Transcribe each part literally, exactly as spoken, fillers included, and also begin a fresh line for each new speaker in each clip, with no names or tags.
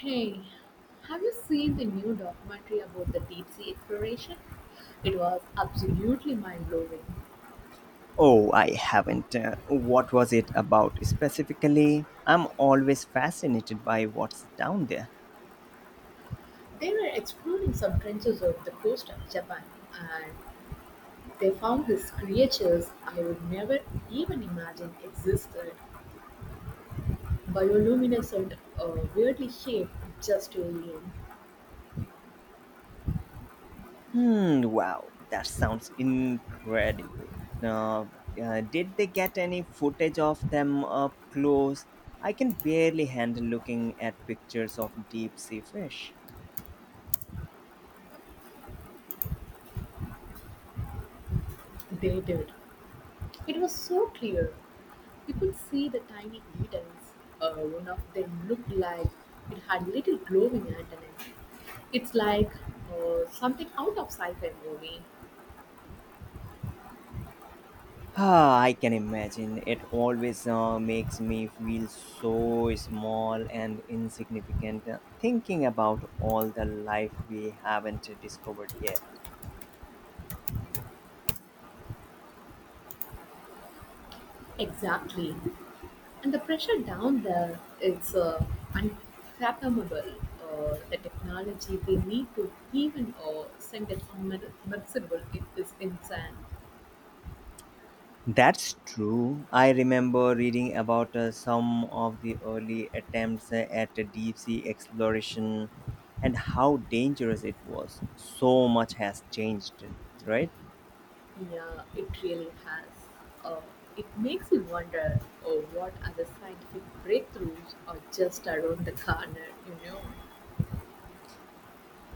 Hey, have you seen the new documentary about the deep sea exploration? It was absolutely mind blowing.
Oh, I haven't. Uh, what was it about specifically? I'm always fascinated by what's down there.
They were exploring some trenches off the coast of Japan and they found these creatures I would never even imagine existed. Bioluminescent, uh, weirdly shaped just alien.
Hmm, wow, that sounds incredible. Uh, uh, did they get any footage of them up close? I can barely handle looking at pictures of deep sea fish.
They did. It was so clear. You could see the tiny needles. Uh, one of them looked like it had little glowing antennae. It's like uh, something out of sci-fi movie.
Ah, I can imagine. It always uh, makes me feel so small and insignificant uh, thinking about all the life we haven't discovered yet.
Exactly. And the pressure down there, it's uh, unfathomable. Uh, the technology they need to even uh, send it submersible it is insane.
That's true. I remember reading about uh, some of the early attempts uh, at deep sea exploration and how dangerous it was. So much has changed, right?
Yeah, it really has. Uh, it makes you wonder uh, what other scientific breakthroughs are just around the corner, you know.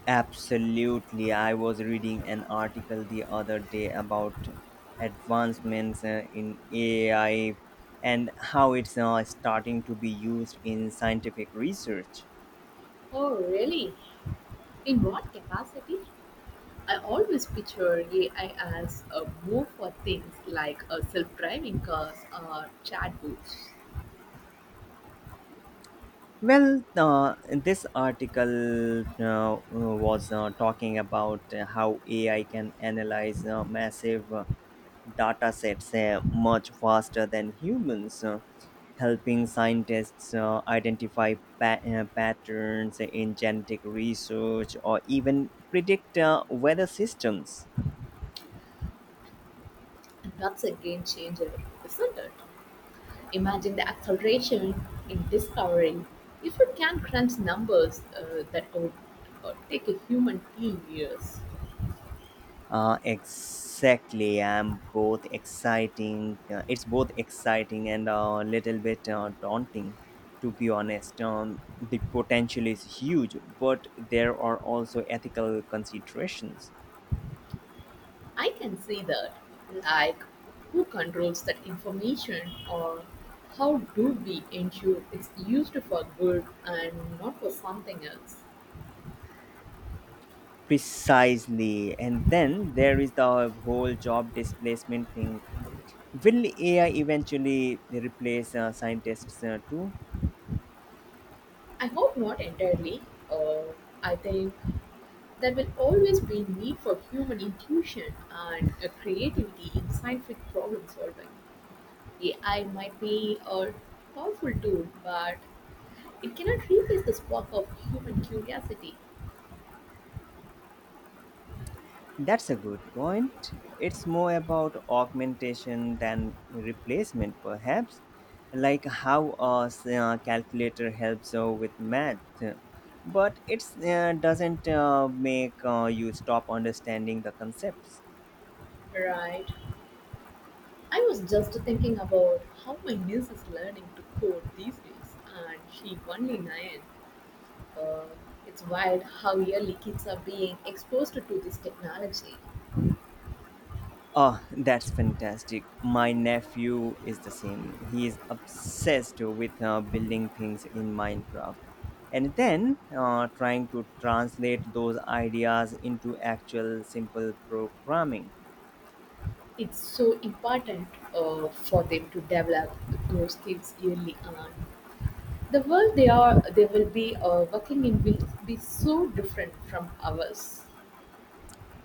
Absolutely. I was reading an article the other day about advancements uh, in A I and how it's uh, starting to be used in scientific research.
Oh, really? In what capacity? I always picture A I as a move for things like uh, self driving cars or chatbots.
Well, uh, this article uh, uh, was uh, talking about how A I can analyze uh, massive uh, data sets uh, much faster than humans, uh, helping scientists uh, identify pa- uh, patterns in genetic research or even predict uh, weather systems.
And that's a game changer, isn't it? Imagine the acceleration in discovery. If it can crunch numbers uh, that would uh, take a human team years.
Uh, exactly. I'm both exciting. Uh, it's both exciting and a little bit uh, daunting, to be honest. Um, the potential is huge, but there are also ethical considerations.
I can see that. Like, who controls that information, or how do we ensure it's used for good and not for something else?
Precisely. And then there is the whole job displacement thing. Will A I eventually replace uh, scientists uh, too?
I hope not entirely. Uh, I think there will always be need for human intuition and uh, creativity in scientific problem solving. A I might be a powerful tool, but it cannot replace the spark of human curiosity,
That's a good point. It's more about augmentation than replacement, perhaps, like how a s- uh, calculator helps uh, with math. But it uh, doesn't uh, make uh, you stop understanding the concepts.
right? I was just thinking about how my niece is learning to code these days, and she only nine. Uh, it's wild how early kids are being exposed to this technology.
Oh, that's fantastic. My nephew is the same. He is obsessed with uh, building things in Minecraft and then uh, trying to translate those ideas into actual simple programming.
It's so important uh, for them to develop those skills early on. The world they are they will be uh, working in will be so different from ours.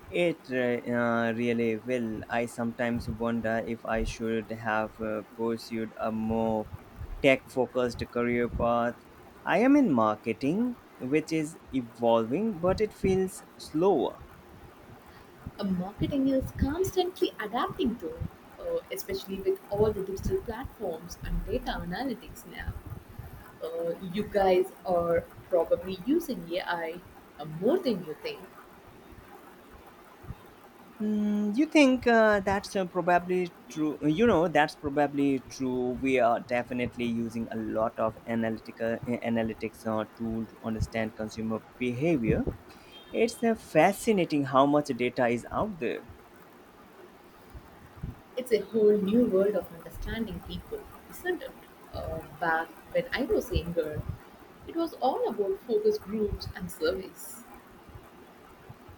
It uh, uh, really will. I sometimes wonder if I should have uh, pursued a more tech focused career path. I am in marketing, which is evolving, but it feels slower.
Uh, marketing is constantly adapting to, uh, especially with all the digital platforms and data analytics now. Uh, you guys are probably using A I uh, more than you think.
Mm, you think uh, that's uh, probably true. You know, that's probably true. We are definitely using a lot of analytical uh, analytics uh, tool to understand consumer behavior. It's uh, fascinating how much data is out there.
It's a whole new world of understanding people, isn't it? Uh, back when I was younger, it was all about focus groups and surveys.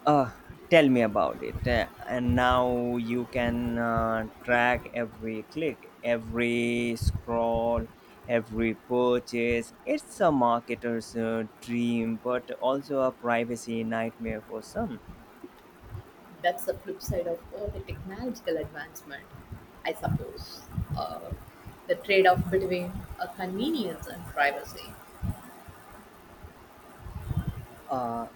Uh, Tell me about it. Uh, and now you can uh, track every click, every scroll, every purchase. It's a marketer's uh, dream, but also a privacy nightmare for some.
That's the flip side of all the technological advancement, I suppose. Uh, the trade off between uh, convenience and privacy.
uh,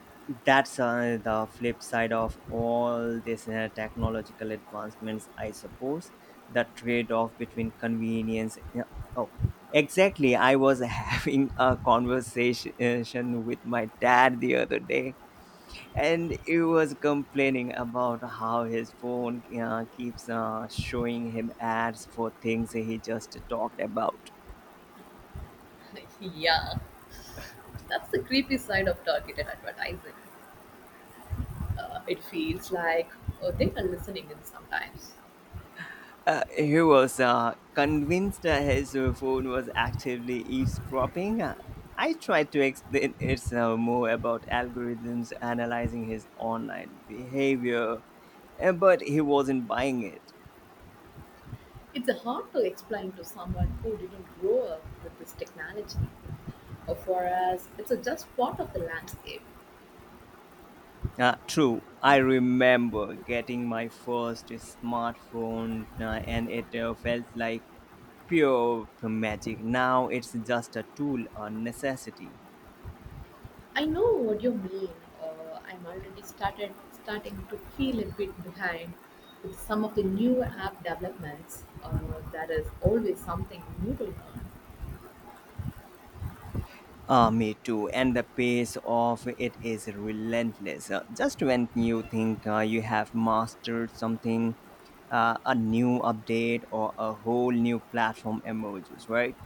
that's uh, the flip side of all these uh, technological advancements I suppose the trade-off between convenience yeah, oh exactly I was having a conversation with my dad the other day and he was complaining about how his phone uh, keeps uh, showing him ads for things he just talked about.
Yeah, that's the creepy side of targeted advertising. Uh, it feels like uh, they are listening in sometimes.
Uh, he was uh, convinced that his uh, phone was actively eavesdropping. Uh, I tried to explain it's uh, more about algorithms analyzing his online behavior, uh, but he wasn't buying it.
It's hard to explain to someone who didn't grow up with this technology. Uh, for us, it's a just part of the landscape.
Uh, true, I remember getting my first smartphone uh, and it uh, felt like pure magic. Now it's just a tool, a necessity.
I know what you mean. Uh, I'm already started starting to feel a bit behind with some of the new app developments. Uh, there is always something new to learn.
Uh, me too. And the pace of it is relentless. Uh, just when you think uh, you have mastered something, uh, a new update or a whole new platform emerges, right?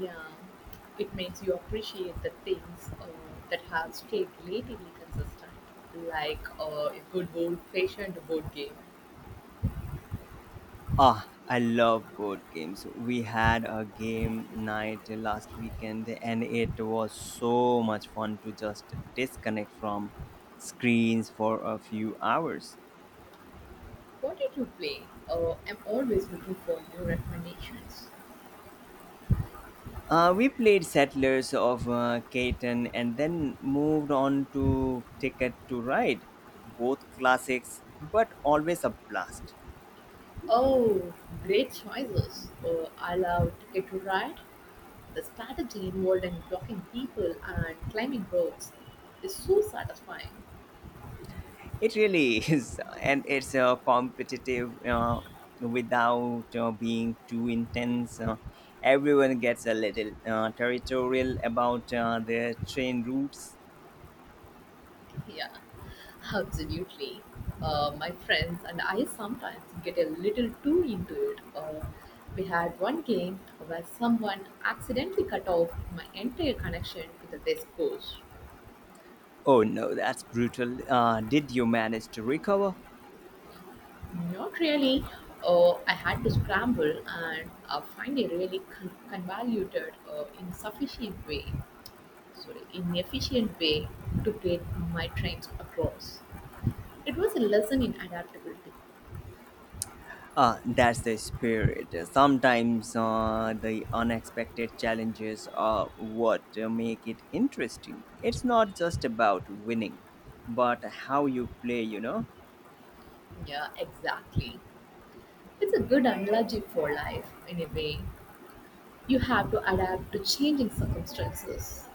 Yeah, it makes you appreciate the things uh, that have stayed relatively consistent, like uh, a good old-fashioned board game.
Ah, I love board games. We had a game night last weekend and it was so much fun to just disconnect from screens for a few hours.
What did you play? Uh, I'm always looking for new recommendations.
Uh, we played Settlers of uh, Catan and then moved on to Ticket to Ride, both classics, but always a blast.
Oh, great choices! Uh, I love Ticket to Ride. The strategy involved in blocking people and climbing roads is so satisfying.
It really is, and it's uh, competitive uh, without uh, being too intense. Uh, everyone gets a little uh, territorial about uh, their train routes.
Yeah, absolutely. Uh, my friends and I sometimes get a little too into it. Uh, we had one game where someone accidentally cut off my entire connection to the desk discourse.
Oh no, that's brutal. Uh, did you manage to recover?
Not really. Uh, I had to scramble and uh, find a really con- convoluted, uh, insufficient way, sorry, inefficient way to get my trains across. It was a lesson in adaptability.
Uh, that's the spirit. Sometimes uh, the unexpected challenges are what make it interesting. It's not just about winning, but how you play, you know?
Yeah, exactly. It's a good analogy for life, in a way. You have to adapt to changing circumstances.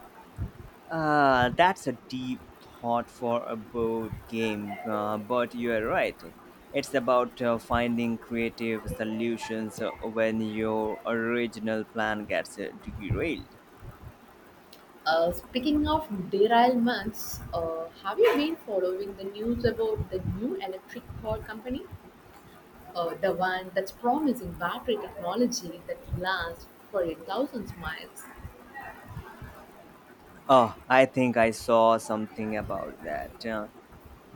Uh, that's a deep thought for a board game, uh, but you're right. It's about uh, finding creative solutions uh, when your original plan gets uh, derailed.
Uh, speaking of derailments, uh, have you been following the news about the new electric car company? Uh, the one that's promising battery technology that lasts for a thousand miles.
Oh, I think I saw something about that. Uh,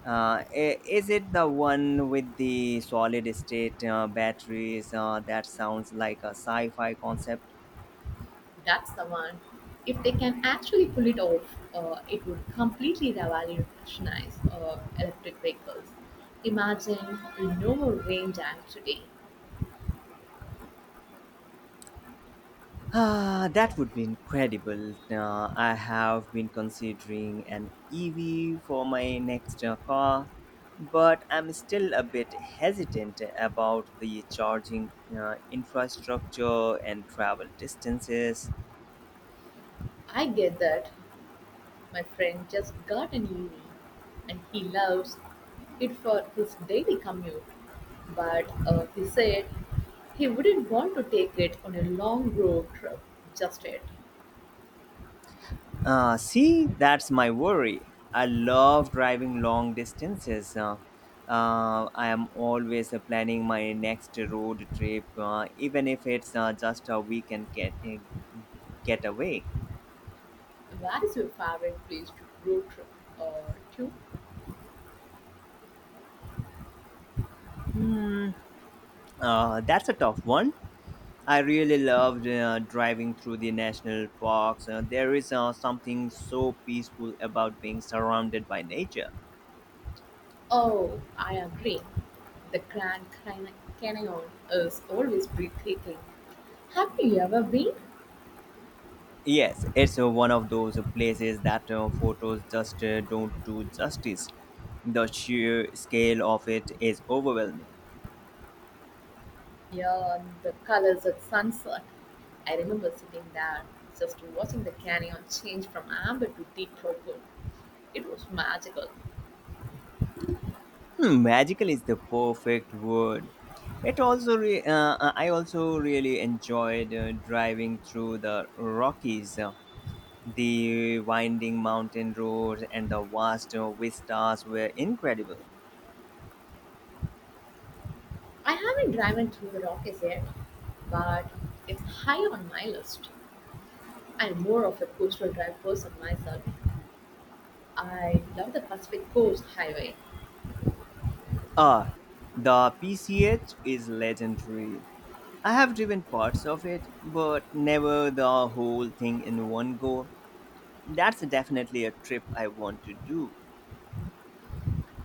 Uh, i- Is it the one with the solid state uh, batteries? Uh, that sounds like a sci fi concept.
That's the one. If they can actually pull it off, uh, it would completely revolutionize uh, electric vehicles. Imagine no more range anxiety.
Ah, that would be incredible. Uh, I have been considering an E V for my next uh, car, but I'm still a bit hesitant about the charging uh, infrastructure and travel distances.
I get that. My friend just got an E V and he loves it for his daily commute. But uh, he said he wouldn't want to take it on a long road trip just yet.
Uh, see, that's my worry. I love driving long distances. Uh, uh, I am always uh, planning my next road trip, uh, even if it's uh, just a weekend get, uh, getaway.
Where is your favorite place to road trip uh, to?
Hmm, uh, that's a tough one. I really loved uh, driving through the national parks. Uh, there is uh, something so peaceful about being surrounded by nature.
Oh, I agree. The Grand Can- Canyon is always breathtaking. Have you ever been?
Yes, it's uh, one of those places that uh, photos just uh, don't do justice. The sheer scale of it is overwhelming.
Yeah, and the colors at sunset. I remember sitting there, just watching the canyon change from amber to deep purple. It was magical.
Hmm, magical is the perfect word. It also, re- uh, uh, I also really enjoyed uh, driving through the Rockies. Uh, The winding mountain roads and the vast uh, vistas were incredible.
I haven't driven through the Rockies yet, but it's high on my list. I'm more of a coastal drive person myself. I love the Pacific Coast Highway.
Ah, the P C H is legendary. I have driven parts of it, but never the whole thing in one go. That's definitely a trip I want to do.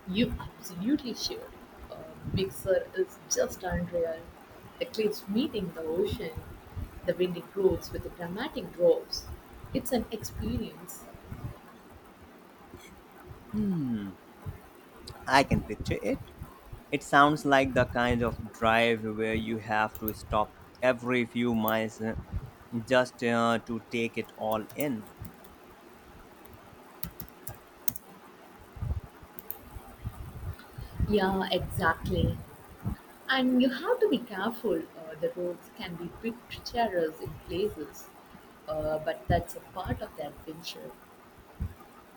You absolutely should. Uh, Mixer is just unreal. The cliffs meeting the ocean, the windy roads with the dramatic drops. It's an experience.
Hmm, I can picture it. It sounds like the kind of drive where you have to stop every few miles uh, just uh, to take it all in.
Yeah, exactly. And you have to be careful. Uh, the roads can be bit treacherous in places, uh, but that's a part of the adventure.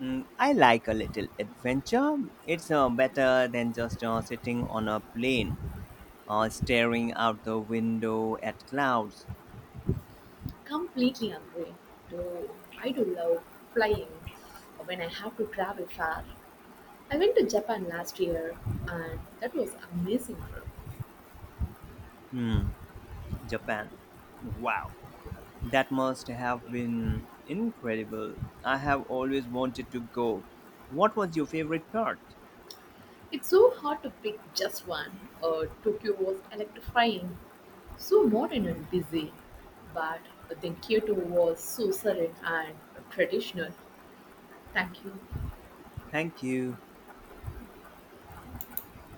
Mm, I like a little adventure. It's uh, better than just uh, sitting on a plane or staring out the window at clouds.
Completely agree. Though I do love flying when I have to travel far. I went to Japan last year and that was amazing trip.
Hmm, Japan. Wow. That must have been incredible. I have always wanted to go. What was your favorite part?
It's so hard to pick just one. Uh, Tokyo was electrifying, so modern and busy, but then Kyoto was so serene and traditional. Thank you.
Thank you.